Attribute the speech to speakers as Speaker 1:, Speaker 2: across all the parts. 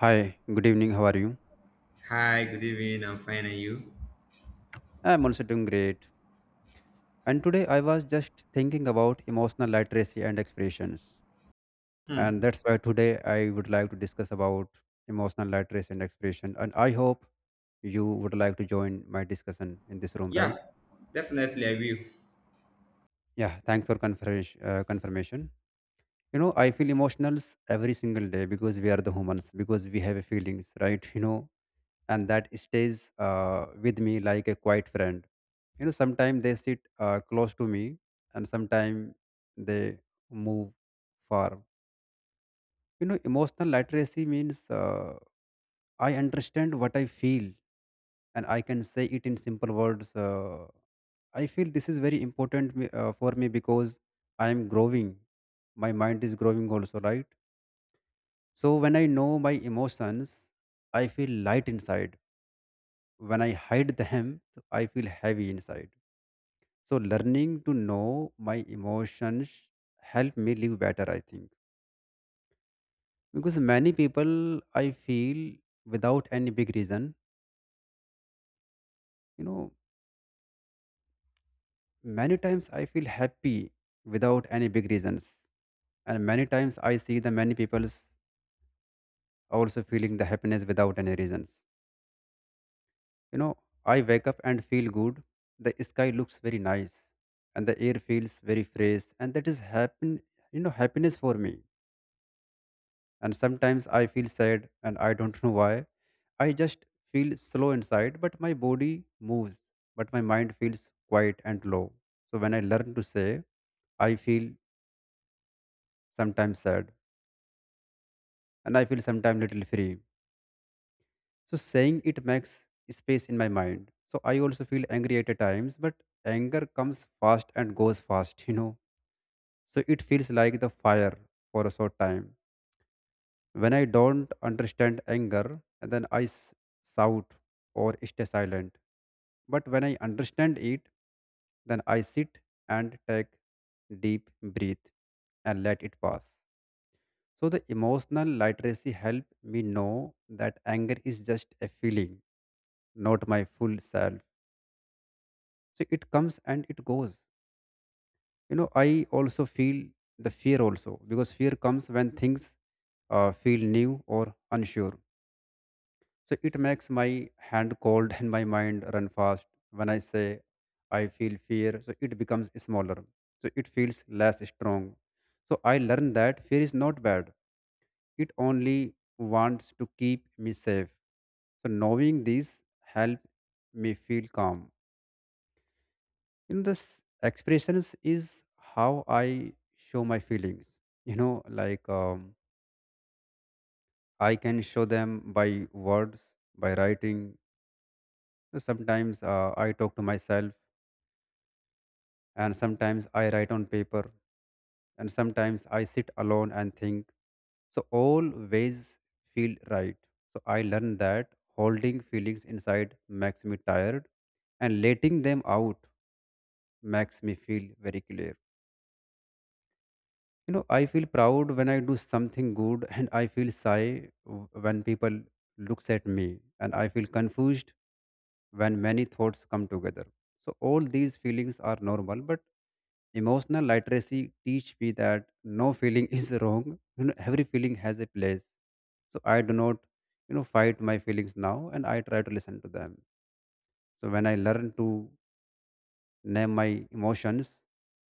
Speaker 1: Hi, good evening. How are you?
Speaker 2: Hi, good evening. I'm fine, and you?
Speaker 1: I'm also doing great. And today I was just thinking about emotional literacy and expressions. And
Speaker 2: Hmm.
Speaker 1: that's why today I would like to discuss about emotional literacy and expression. And I hope you would like to join my discussion in this room,
Speaker 2: Yeah,
Speaker 1: right?
Speaker 2: definitely I will.
Speaker 1: Yeah, thanks for confirmation. Confirmation. You know, I feel emotionals every single day because we are the humans, because we have feelings, right? You know, and that stays with me like a quiet friend. You know, sometimes they sit close to me, and sometimes they move far. You know, emotional literacy means I understand what I feel and I can say it in simple words. I feel this is very important for me because I am growing. My mind is growing also, right? So when I know my emotions, I feel light inside. When I hide them, so I feel heavy inside. So learning to know my emotions help me live better, I think. Because many people I feel without any big reason, you know, many times I feel happy without any big reasons. And many times I see the many people also feeling the happiness without any reasons. You know, I wake up and feel good. The sky looks very nice and the air feels very fresh, and that is happen, you know, happiness for me. And sometimes I feel sad and I don't know why. I just feel slow inside, but my body moves, but my mind feels quiet and low. So when I learn to say, I feel sometimes sad and I feel sometimes little free. So saying it makes space in my mind. So I also feel angry at times, but anger comes fast and goes fast, you know. So it feels like the fire for a short time. When I don't understand anger, then shout or stay silent. But when I understand it, then I sit and take deep breath and let it pass. So the emotional literacy help me know that anger is just a feeling, not my full self. So it comes and it goes. You know, I also feel the fear also because fear comes when things feel new or unsure. So it makes my hand cold and my mind run fast. When I say I feel fear, so it becomes smaller. So it feels less strong. So I learned that fear is not bad. It only wants to keep me safe. So knowing this help me feel calm. In this expressions is how I show my feelings. You know, like I can show them by words, by writing. Sometimes I talk to myself, and sometimes I write on paper, and sometimes I sit alone and think. So all ways feel right. So I learned that holding feelings inside makes me tired, and letting them out makes me feel very clear. You know, I feel proud when I do something good, and I feel shy when people looks at me, and I feel confused when many thoughts come together. So, all these feelings are normal, but emotional literacy teach me that no feeling is wrong. You know, every feeling has a place. So, I do not, you know, fight my feelings now and I try to listen to them. So, when I learn to name my emotions,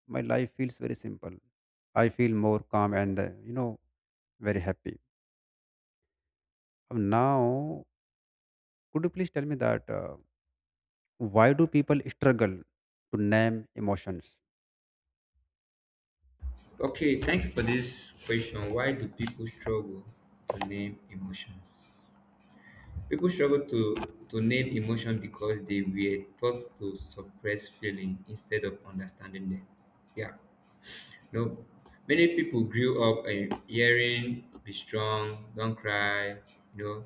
Speaker 1: my life feels very simple. I feel more calm and, you know, very happy. Now, could you please tell me that why do people struggle to name emotions?
Speaker 2: Okay, thank you for this question. Why do people struggle to name emotions? People struggle to name emotion because they were taught to suppress feeling instead of understanding them. Yeah, no. Many people grew up hearing "be strong," "don't cry," you know,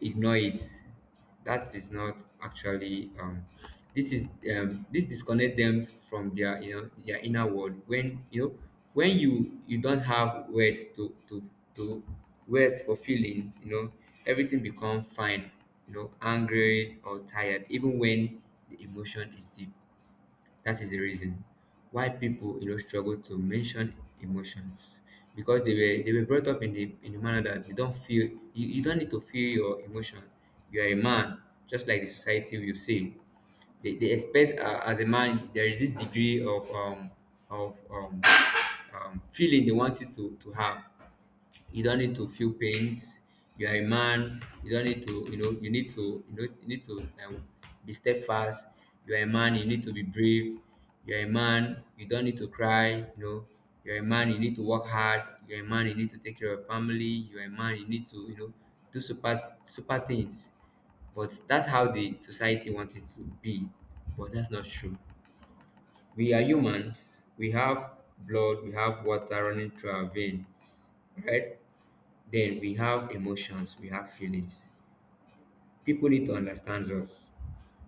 Speaker 2: ignore it. That is not actually this disconnect them from their, you know, their inner world. When you don't have words to words for feelings, you know, everything become fine, you know, angry or tired even when the emotion is deep. That is the reason why people, you know, struggle to mention emotions, because they were brought up in the, in the manner that they don't feel. You don't need to feel your emotion. You are a man, just like the society will say. They expect, as a man there is this degree of feeling they want you to have. You don't need to feel pains. You are a man, you don't need to, you know, you need to, you know, you need to, be steadfast. You are a man, you need to be brave. You're a man, you don't need to cry, you know. You're a man, you need to work hard. You're a man, you need to take care of family. You're a man, you need to, you know, do super things. But that's how the society wants it to be. But that's not true. We are humans, we have blood, we have water running through our veins, right? Then we have emotions, we have feelings. People need to understand us.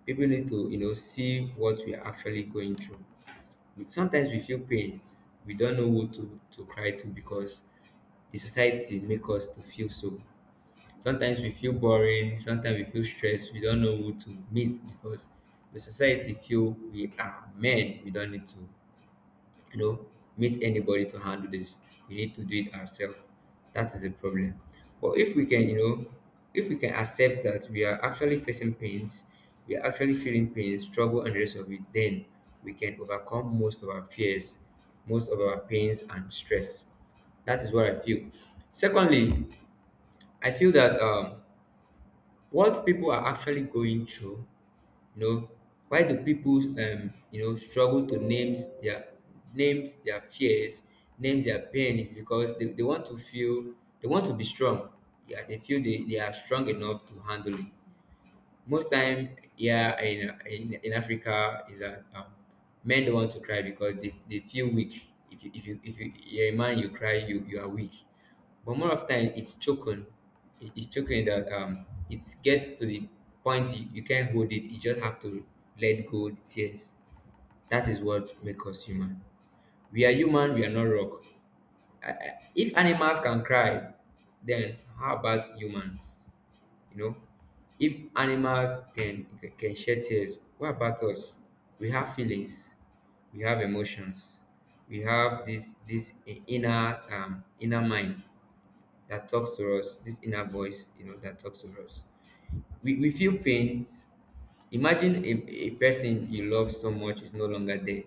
Speaker 2: People need to, you know, see what we are actually going through. Sometimes we feel pains. We don't know who to cry to because the society make us to feel so. Sometimes we feel boring. Sometimes we feel stressed. We don't know who to meet because the society feel we are men. We don't need to, you know, meet anybody to handle this. We need to do it ourselves. That is the problem. But if we can, you know, if we can accept that we are actually facing pains, we are actually feeling pains, struggle, and the rest of it, then we can overcome most of our fears, most of our pains and stress. That is what I feel. Secondly, I feel that, what people are actually going through, you know, why do people, you know, struggle to names their fears, names their pain, is because they want to feel, they want to be strong. Yeah, they feel they are strong enough to handle it. Most time here in Africa is that, men don't want to cry because they feel weak. If you're a man you cry, you are weak. But more of time it's choking. It's choking that, it gets to the point you can't hold it. You just have to let go the tears. That is what makes us human. We are human. We are not rock. If animals can cry, then how about humans? You know, if animals can shed tears, what about us? We have feelings, we have emotions, we have this inner, inner mind that talks to us, this inner voice, you know, that talks to us. We feel pains. Imagine a person you love so much is no longer there.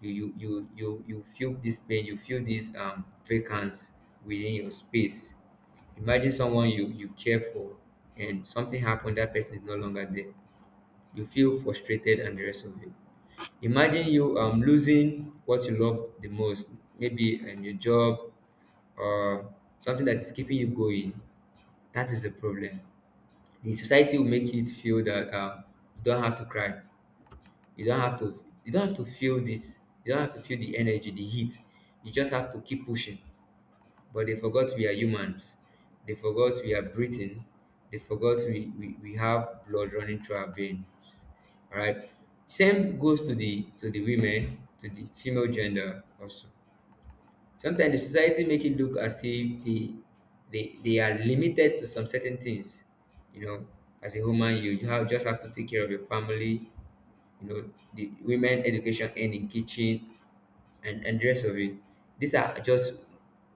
Speaker 2: You feel this pain, you feel this, vacance within your space. Imagine someone you care for, and something happened, that person is no longer there. You feel frustrated and the rest of it. Imagine you, losing what you love the most, maybe, your job or something that is keeping you going. That is the problem. The society will make it feel that, you don't have to cry, you don't have to, you don't have to feel this, you don't have to feel the energy, the heat, you just have to keep pushing. But they forgot we are humans, they forgot we are breathing, they forgot we have blood running through our veins. All right. Same goes to the, to the women, to the female gender also. Sometimes the society make it look as if they are limited to some certain things. You know, as a woman, you have, just have to take care of your family. You know, the women education and in kitchen and the rest of it. These are just,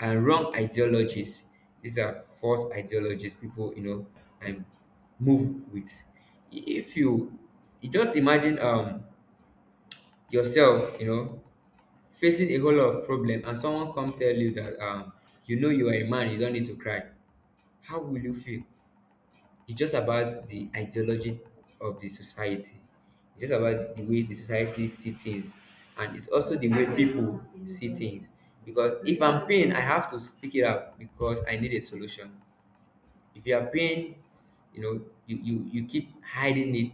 Speaker 2: wrong ideologies. These are false ideologies. People, you know, and move with. If you, you just imagine, yourself, you know, facing a whole lot of problem and someone come tell you that, you know, you are a man, you don't need to cry. How will you feel? It's just about the ideology of the society. It's just about the way the society see things, and it's also the way people see things. Because if I'm pain, I have to speak it out because I need a solution. If you are paying, you know, you keep hiding it,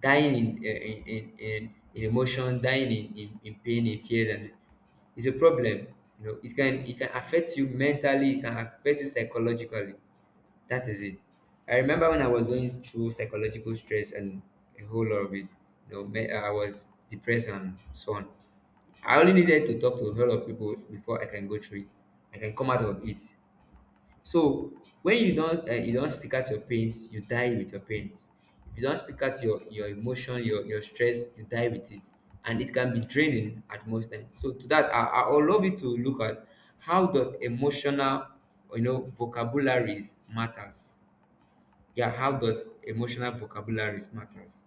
Speaker 2: dying in, in emotion, dying in pain, in fears, and it's a problem. You know, it can affect you mentally, it can affect you psychologically. That is it. I remember when I was going through psychological stress and a whole lot of it, you know, I was depressed and so on. I only needed to talk to a whole lot of people before I can go through it, I can come out of it. So when you don, you don speak out your pains, you die with your pains. If you don speak out your emotion, your stress, you die with it, and it can be draining at most times. So to that, I would love you to look at how does emotional, you know, vocabularies matters. Yeah, how does emotional vocabularies matters?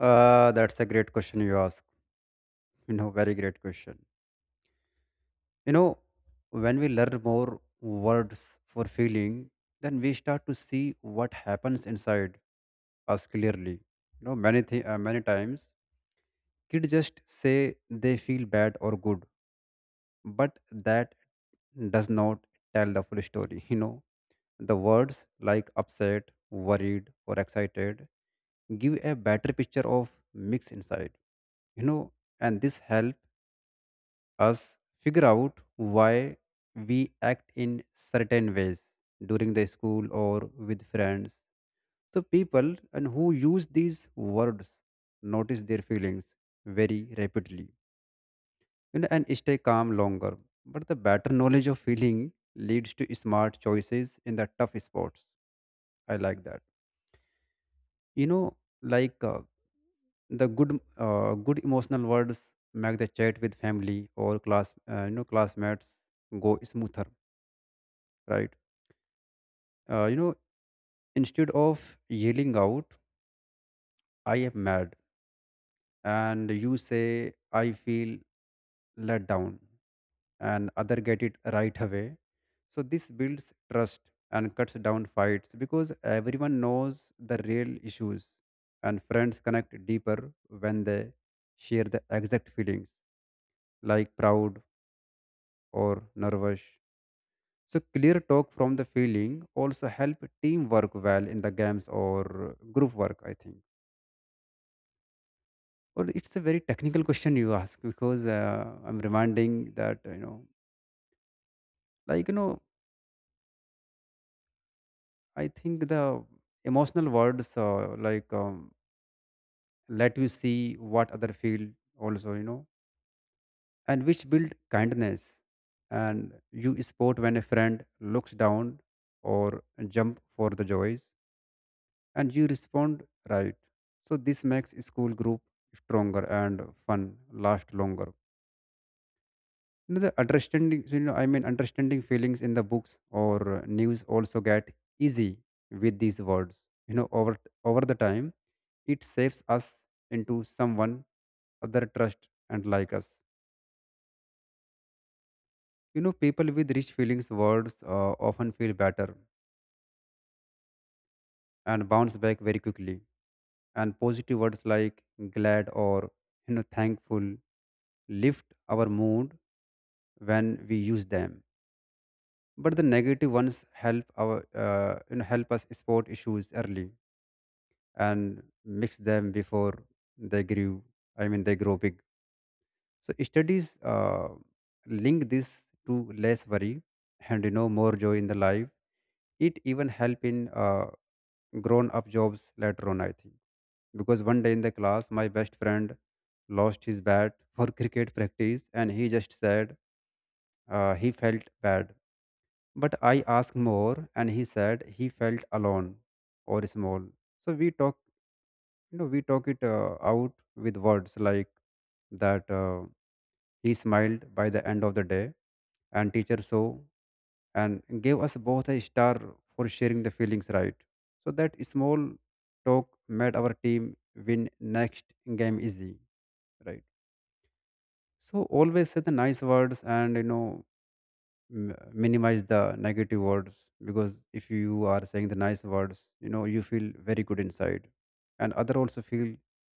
Speaker 1: That's a great question you ask. You know, very great question. You know, when we learn more words for feeling, then we start to see what happens inside us clearly. You know, many times kids just say they feel bad or good, but that does not tell the full story. You know, the words like upset, worried, or excited give a better picture of mix inside. You know, and this helps us figure out why we act in certain ways during the school or with friends. So people and who use these words notice their feelings very rapidly, you know, and stay calm longer. But the better knowledge of feeling leads to smart choices in the tough spots. I like that. You know, like the good emotional words make the chat with family or class, you know, classmates go smoother, right? You know, instead of yelling out, I am mad, and you say, I feel let down, and other get it right away. So this builds trust and cuts down fights because everyone knows the real issues, and friends connect deeper when they share the exact feelings, like proud or nervous. So clear talk from the feeling also help teamwork well in the games or group work, I think. Or it's a very technical question you ask because I'm reminding that you know, like you know, I think the emotional words let you see what other feel also, you know, and which build kindness, and you sport when a friend looks down or jump for the joys, and you respond right. So this makes school group stronger and fun last longer. You know the understanding, you know, I mean, understanding feelings in the books or news also get easy with these words. You know, over the time, it shapes us into someone other trust and like us. You know, people with rich feelings words often feel better and bounce back very quickly. And positive words like glad or, you know, thankful lift our mood when we use them. But the negative ones help our you know help us spot issues early and mix them before they grew I mean they grow big. So studies link this to less worry and, you know, more joy in the life. It even help in grown up jobs later on, I think. Because one day in the class my best friend lost his bat for cricket practice and he just said he felt bad. But I asked more, and he said he felt alone or small. So we talk, you know, we talk it out with words like that. He smiled by the end of the day, and teacher saw and gave us both a star for sharing the feelings right. So that small talk made our team win next game easy, right? So always say the nice words and, you know, minimize the negative words, because if you are saying the nice words, you know, you feel very good inside and other also feel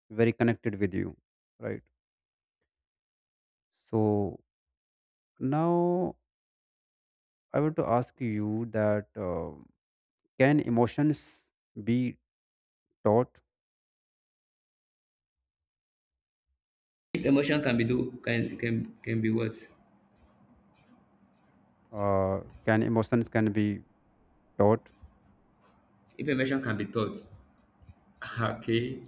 Speaker 1: very connected with you, right? So now I want to ask you that can emotions be taught?
Speaker 2: If emotion can be do can be what?
Speaker 1: Can emotions can be taught?
Speaker 2: If emotion can be thought.
Speaker 1: Yes.
Speaker 2: Okay.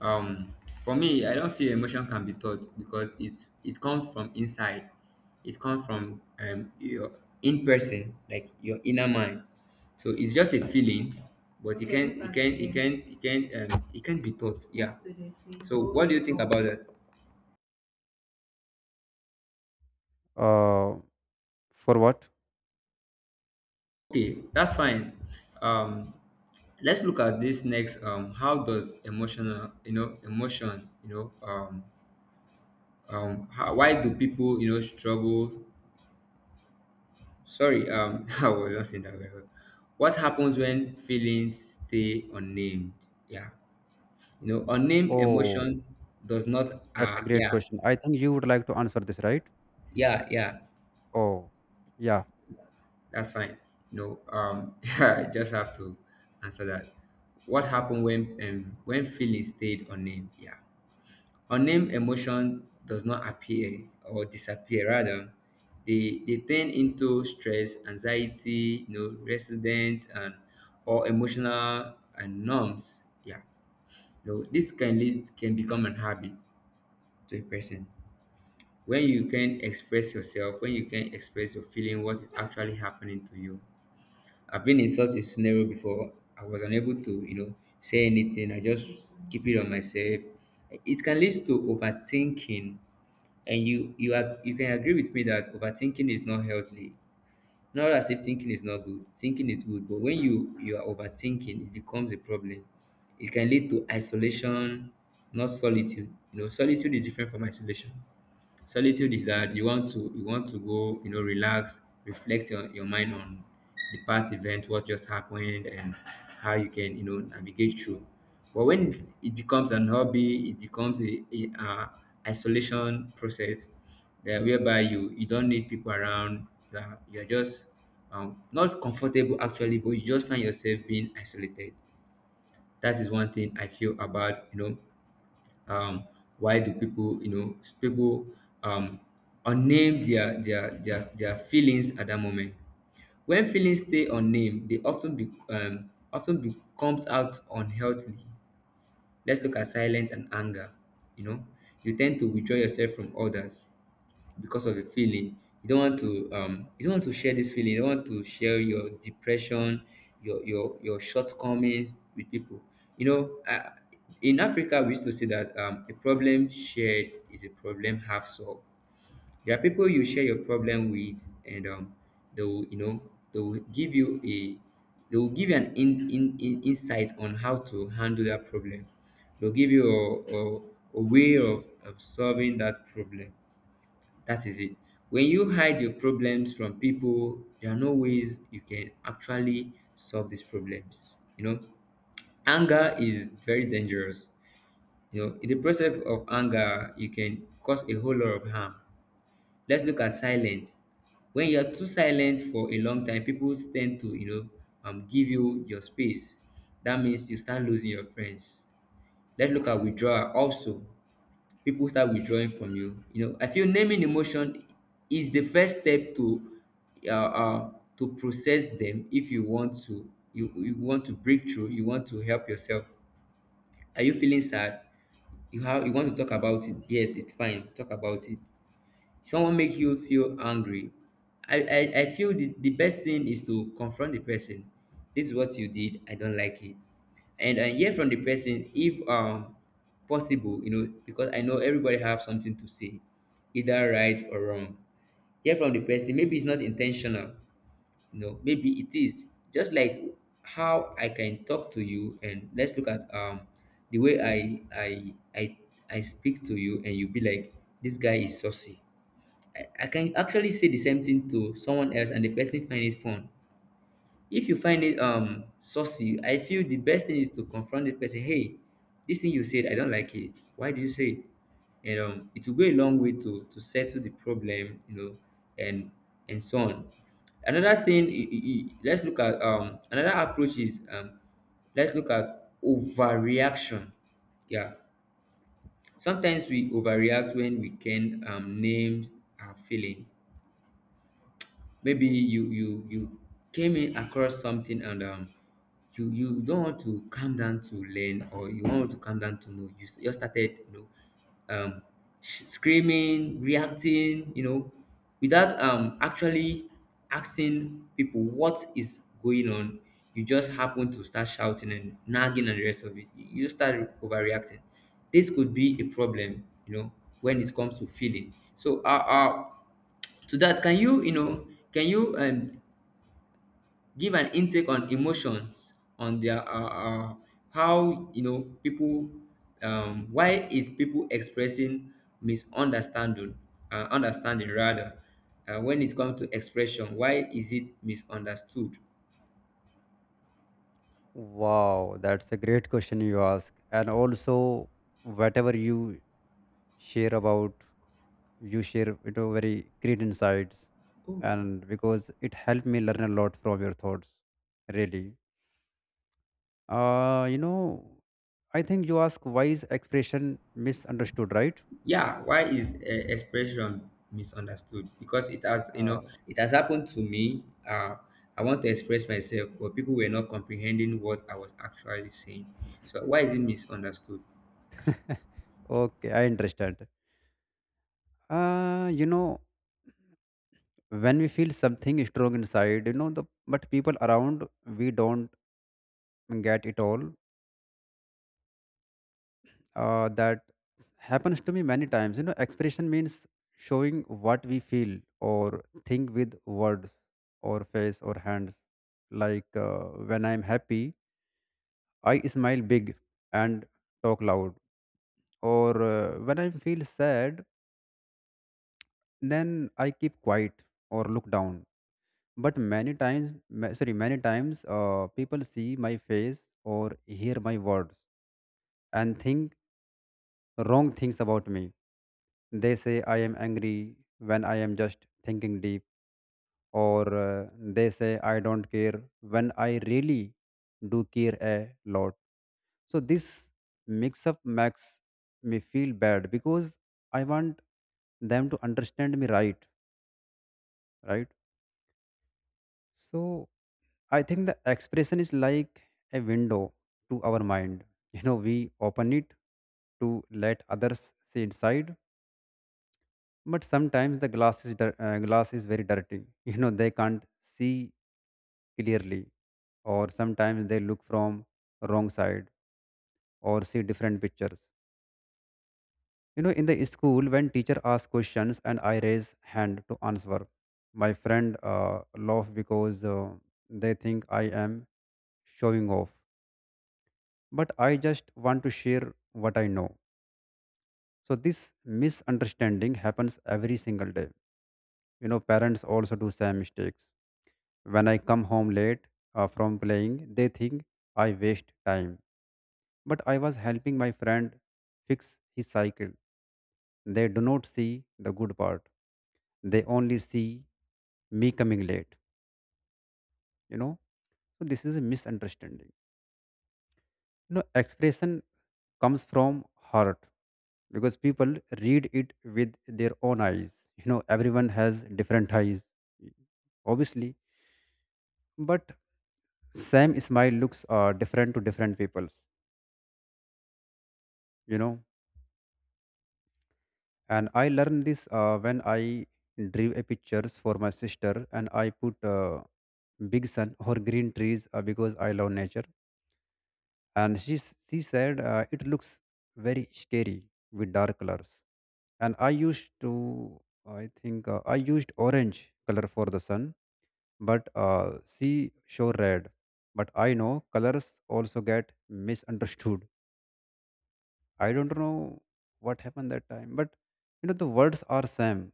Speaker 2: Um, for me, I don't feel emotion can be taught because it comes from inside. It comes from, your in person, like your inner mind. So it's just a feeling, but it can it can it can it can it can be taught. Yeah. So, so what do, oh, you think about that?
Speaker 1: uh, for what?
Speaker 2: Okay, that's fine. Um, let's look at this next. How does emotional, you know, emotion, you know, how, why do people, you know, struggle. Sorry, I wasn't saying that very well. What happens when feelings stay unnamed? Yeah, you know, unnamed
Speaker 1: Oh,
Speaker 2: emotion does not.
Speaker 1: that's a great
Speaker 2: Yeah,
Speaker 1: question, I think you would like to answer this, right?
Speaker 2: yeah, yeah.
Speaker 1: Oh, yeah.
Speaker 2: That's fine. No, I just have to answer that. What happened when, when feelings stayed unnamed? Yeah. Unnamed emotion does not appear or disappear rather. They turn into stress, anxiety, you know, resentment and or emotional and norms. Yeah. You know, this can lead, can become an habit to a person. When you can express yourself, when you can express your feeling, what is actually happening to you. I've been in such a scenario before. I was unable to, you know, say anything. I just keep it on myself. It can lead to overthinking, and you are, you can agree with me that overthinking is not healthy. Not as if thinking is not good, thinking is good, but when you are overthinking it becomes a problem. It can lead to isolation, not solitude. You know, solitude is different from isolation. Solitude is that you want to, you want to go, you know, relax, reflect your mind on the past event, what just happened, and how you can, you know, navigate through. But when it becomes an hobby, it becomes a isolation process, that whereby you, you don't need people around. You are, you're just, not comfortable actually, but you just find yourself being isolated. That is one thing I feel about. Um, why do people, people um, unnamed their feelings at that moment? When feelings stay unnamed, they often becomes out unhealthily. Let's look at silence and anger. You know, you tend to withdraw yourself from others because of a feeling. You don't want to you don't want to share this feeling, you don't want to share your depression, your shortcomings with people, you know uh, in africa we used to say that a problem shared is a problem half solved. There are people you share your problem with, and they will, they will give you a, they will give you an in insight on how to handle that problem. They'll give you a, a way of solving that problem. That is it. When you hide your problems from people, there are no ways you can actually solve these problems. You know, anger is very dangerous. You know, in the process of anger, you can cause a whole lot of harm. Let's look at silence. When you are too silent for a long time, people tend to, you know, give you your space. That means you start losing your friends. Let's look at withdrawal also. People start withdrawing from you. You know, I feel naming emotion is the first step uh, uh, to process them if you want to you want to break through, you want to help yourself. Are you feeling sad? You have you want to talk about it. Yes, it's fine. Talk about it. Someone make you feel angry, I feel the best thing is to confront the person. This is what you did, I don't like it, and I hear from the person if possible. You know, because I know everybody have something to say, either right or wrong. Hear from the person, maybe it's not intentional, you know, maybe it is. Just like how I can talk to you, and let's look at the way i speak to you, and you be like, this guy is saucy. I can actually say the same thing to someone else and the person find it fun. If you find it saucy, I feel the best thing is to confront the person. Hey, this thing you said, I don't like it. Why did you say it? And it will go a long way to settle the problem, you know, and and so on. Another thing, let's look at another approach is let's look at overreaction. Yeah, sometimes we overreact when we can name our feeling. Maybe you came in across something, and you you don't want to calm down to learn, or you want to calm down to know you just started. Know um Screaming, reacting, you know, without actually asking people what is going on. You just happen to start shouting and nagging and the rest of it, you just start overreacting. This could be a problem, you know, when it comes to feeling. So to that, can you, you know, can you give an intake on emotions on their uh, how, you know, people, why is people expressing misunderstanding, understanding rather, when it comes to expression, why is it misunderstood?
Speaker 1: Wow, that's a great question you ask. And also, whatever you share about, you share you know very great insights,
Speaker 2: Oh,
Speaker 1: and because it helped me learn a lot from your thoughts, really. You know, I think you ask why is expression misunderstood, right?
Speaker 2: yeah, why is expression misunderstood? Because it has, you
Speaker 1: Uh,
Speaker 2: know, it has happened to me. I want to express myself, but people were not comprehending what I was actually saying. So why is it misunderstood?
Speaker 1: okay, I understand. You know, when we feel something strong inside, you know, the but people around we don't get it all, that happens to me many times. You know, expression means showing what we feel or think with words or face or hands. Like when I'm happy, I smile big and talk loud. Or when I feel sad, then I keep quiet or look down. But many times, many times, people see my face or hear my words and think wrong things about me. They say I am angry when I am just thinking deep, or they say I don't care when I really do care a lot. So, this mix up makes me feel bad because I want them to understand me right, right? So, I think the expression is like a window to our mind. You know, we open it to let others see inside, but sometimes the glass is very dirty. You know, they can't see clearly, or sometimes they look from wrong side or see different pictures. You know, in the school when teacher asks questions and I raise hand to answer, my friend laugh because they think I am showing off, but I just want to share what I know. So this misunderstanding happens every single day. You know, parents also do same mistakes. When I come home late from playing, they think I waste time. But I was helping my friend fix his cycle. They do not see the good part. They only see me coming late. You know, so this is a misunderstanding. You know, expression comes from heart because people read it with their own eyes. You know, everyone has different eyes, obviously, but same smile looks different to different people. You know and I learned this when I drew a pictures for my sister and I put big sun or green trees because I love nature, and she said it looks very scary with dark colors. And I used to, I think I used orange color for the sun, but she showed red. But I know colors also get misunderstood. I don't know what happened that time, but you know the words are same.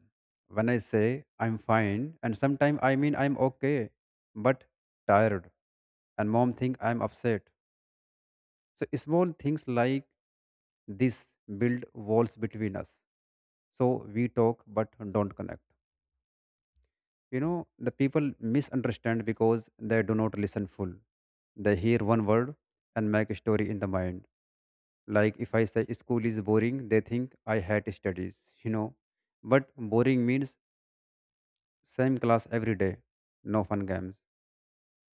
Speaker 1: When I say I'm fine, and sometimes I mean I'm okay, but tired, and mom think I'm upset. So small things like this build walls between us. So we talk but don't connect. You know the people misunderstand because they do not listen full. They hear one word and make a story in the mind, like if I say school is boring, they think I hate studies, you know, but boring means same class every day, no fun games.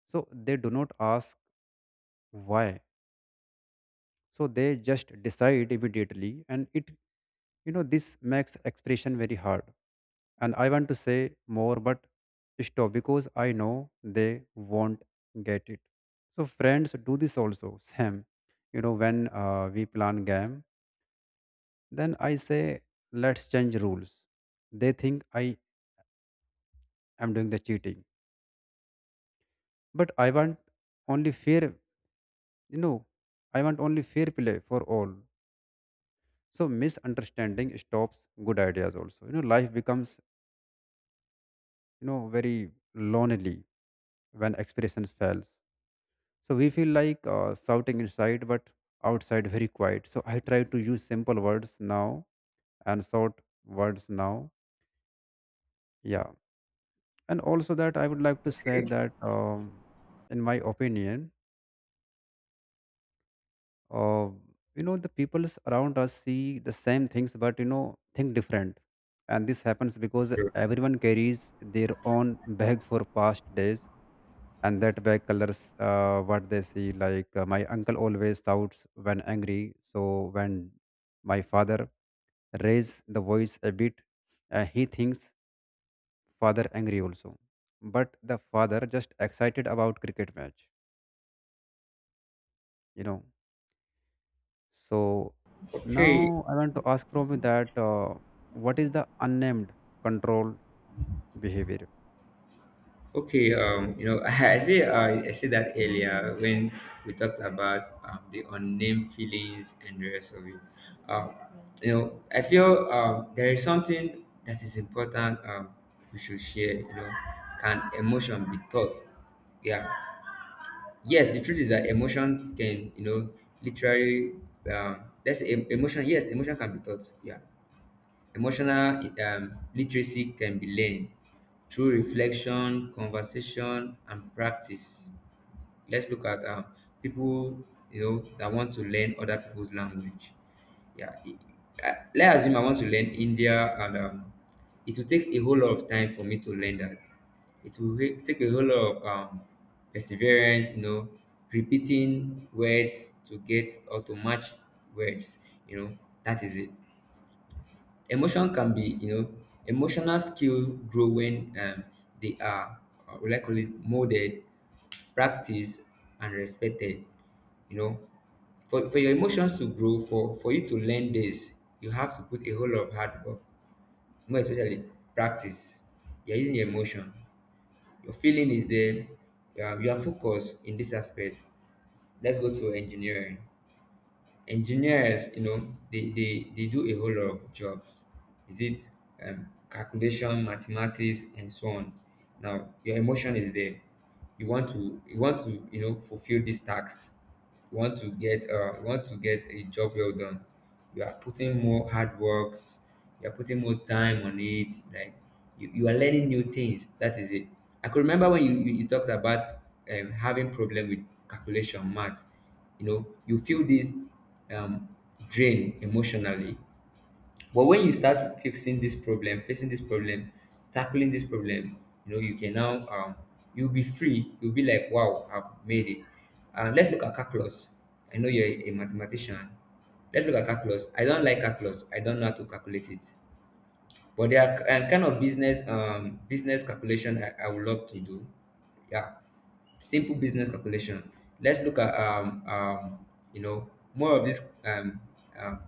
Speaker 1: So they do not ask why. So they just decide immediately, and it. This makes expression very hard, and I want to say more but stop because I know they won't get it. So friends do this also, Sam, you know when we plan game. Then I say, let's change rules. They think I am doing the cheating. But I want only fair, you know, I want only fair play for all. So misunderstanding stops good ideas also. You know, life becomes, you know, very lonely when expressions fails. So we feel like shouting inside, but outside very quiet. So I try to use simple words now and short words now. Yeah. And also that I would like to say
Speaker 2: Okay,
Speaker 1: that in my opinion, uh, you know the people around us see the same things, but you know, think different. And this happens because
Speaker 2: sure.
Speaker 1: everyone carries their own bag for past days, and that bag colors what they see. Like my uncle always shouts when angry, so when my father raise the voice a bit, he thinks father angry also, but the father just excited about cricket match, you know. So
Speaker 2: Okay.
Speaker 1: now I want to ask from you that what is the unnamed control behavior?
Speaker 2: Okay, you know, actually, I said that earlier when we talked about the unnamed feelings and the rest of it. Um, you know, I feel there is something that is important we should share. You know, can emotion be taught? Yeah. Yes, the truth is that emotion can, you know, literally, let's say emotion. Yes, emotion can be taught. Yeah. Emotional literacy can be learned through reflection, conversation, and practice. Let's look at people, you know, that want to learn other people's language. Yeah, I, let's assume I want to learn India, and it will take a whole lot of time for me to learn that. It will take a whole lot of perseverance, you know, repeating words to get or to match words. You know, that is it. Emotion can be, you know, emotional skill grow when they are what molded, practiced, and respected. You know, for your emotions to grow, for you to learn this, you have to put a whole lot of hard work, more especially practice. You're using your emotion. Your feeling is there. You are focused in this aspect. Let's go to engineering. Engineers, you know, they do a whole lot of jobs. Is it calculation, mathematics, and so on. Now your emotion is there, you want to you know fulfill these tasks. You want to get you want to get a job well done. You are putting more hard works, you are putting more time on it. Like you are learning new things. That is it. I could remember when you talked about having problem with calculation math. You know, you feel this um, drain emotionally. But when you start fixing this problem, facing this problem, tackling this problem, you know, you can now you'll be free, you'll be like, wow, I've made it. Let's look at calculus. I know you're a mathematician. Let's look at calculus. I don't like calculus, I don't know how to calculate it. But there are kind of business business calculation I would love to do. Yeah, simple business calculation. Let's look at you know, more of this um,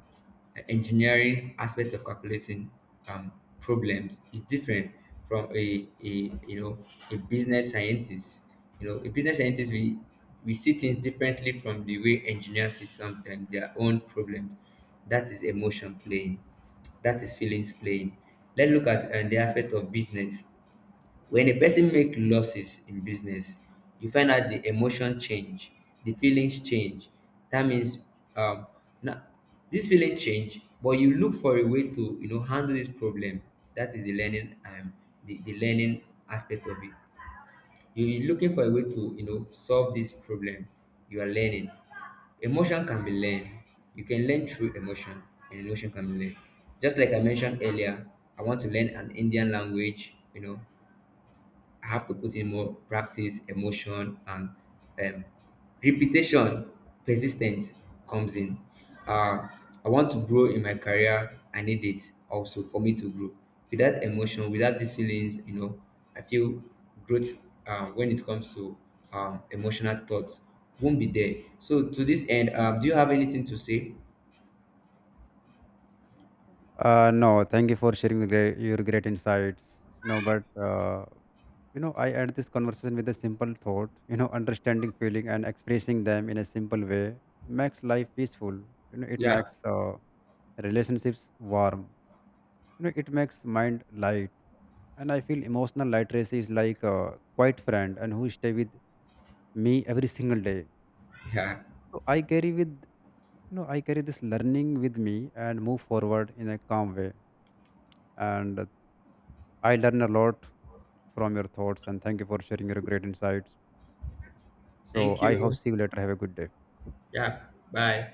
Speaker 2: engineering aspect of calculating um, problems is different from a, you know, a business scientist. You know, a business scientist, we see things differently from the way engineers see sometimes their own problems. That is emotion playing. That is feelings playing. Let's look at the aspect of business. When a person make losses in business, you find out the emotion change, the feelings change. That means um now this feeling change, but you look for a way to you know handle this problem. That is the learning aspect of it. You're looking for a way to you know solve this problem. You are learning. Emotion can be learned. You can learn through emotion, and emotion can be learned. Just like I mentioned earlier, I want to learn an Indian language, you know, I have to put in more practice, emotion, and um, repetition, persistence comes in. Uh, I want to grow in my career. I need it also for me to grow. Without emotion, without these feelings, you know, I feel growth when it comes to emotional thoughts won't be there. So to this end, do you have anything to say?
Speaker 1: No, thank you for sharing your great insights, you know, but you know I end this conversation with a simple thought. You know understanding feeling and expressing them in a simple way makes life peaceful. You know it
Speaker 2: Yeah,
Speaker 1: makes relationships warm, you know it makes mind light. And I feel emotional literacy is like a quiet friend and who stay with me every single day.
Speaker 2: yeah.
Speaker 1: So I carry with, you know, I carry this learning with me and move forward in a calm way. And I learn a lot from your thoughts, and thank you for sharing your great insights. So
Speaker 2: Thank
Speaker 1: I hope
Speaker 2: you.
Speaker 1: see you later. Have a good day.
Speaker 2: Yeah. Bye.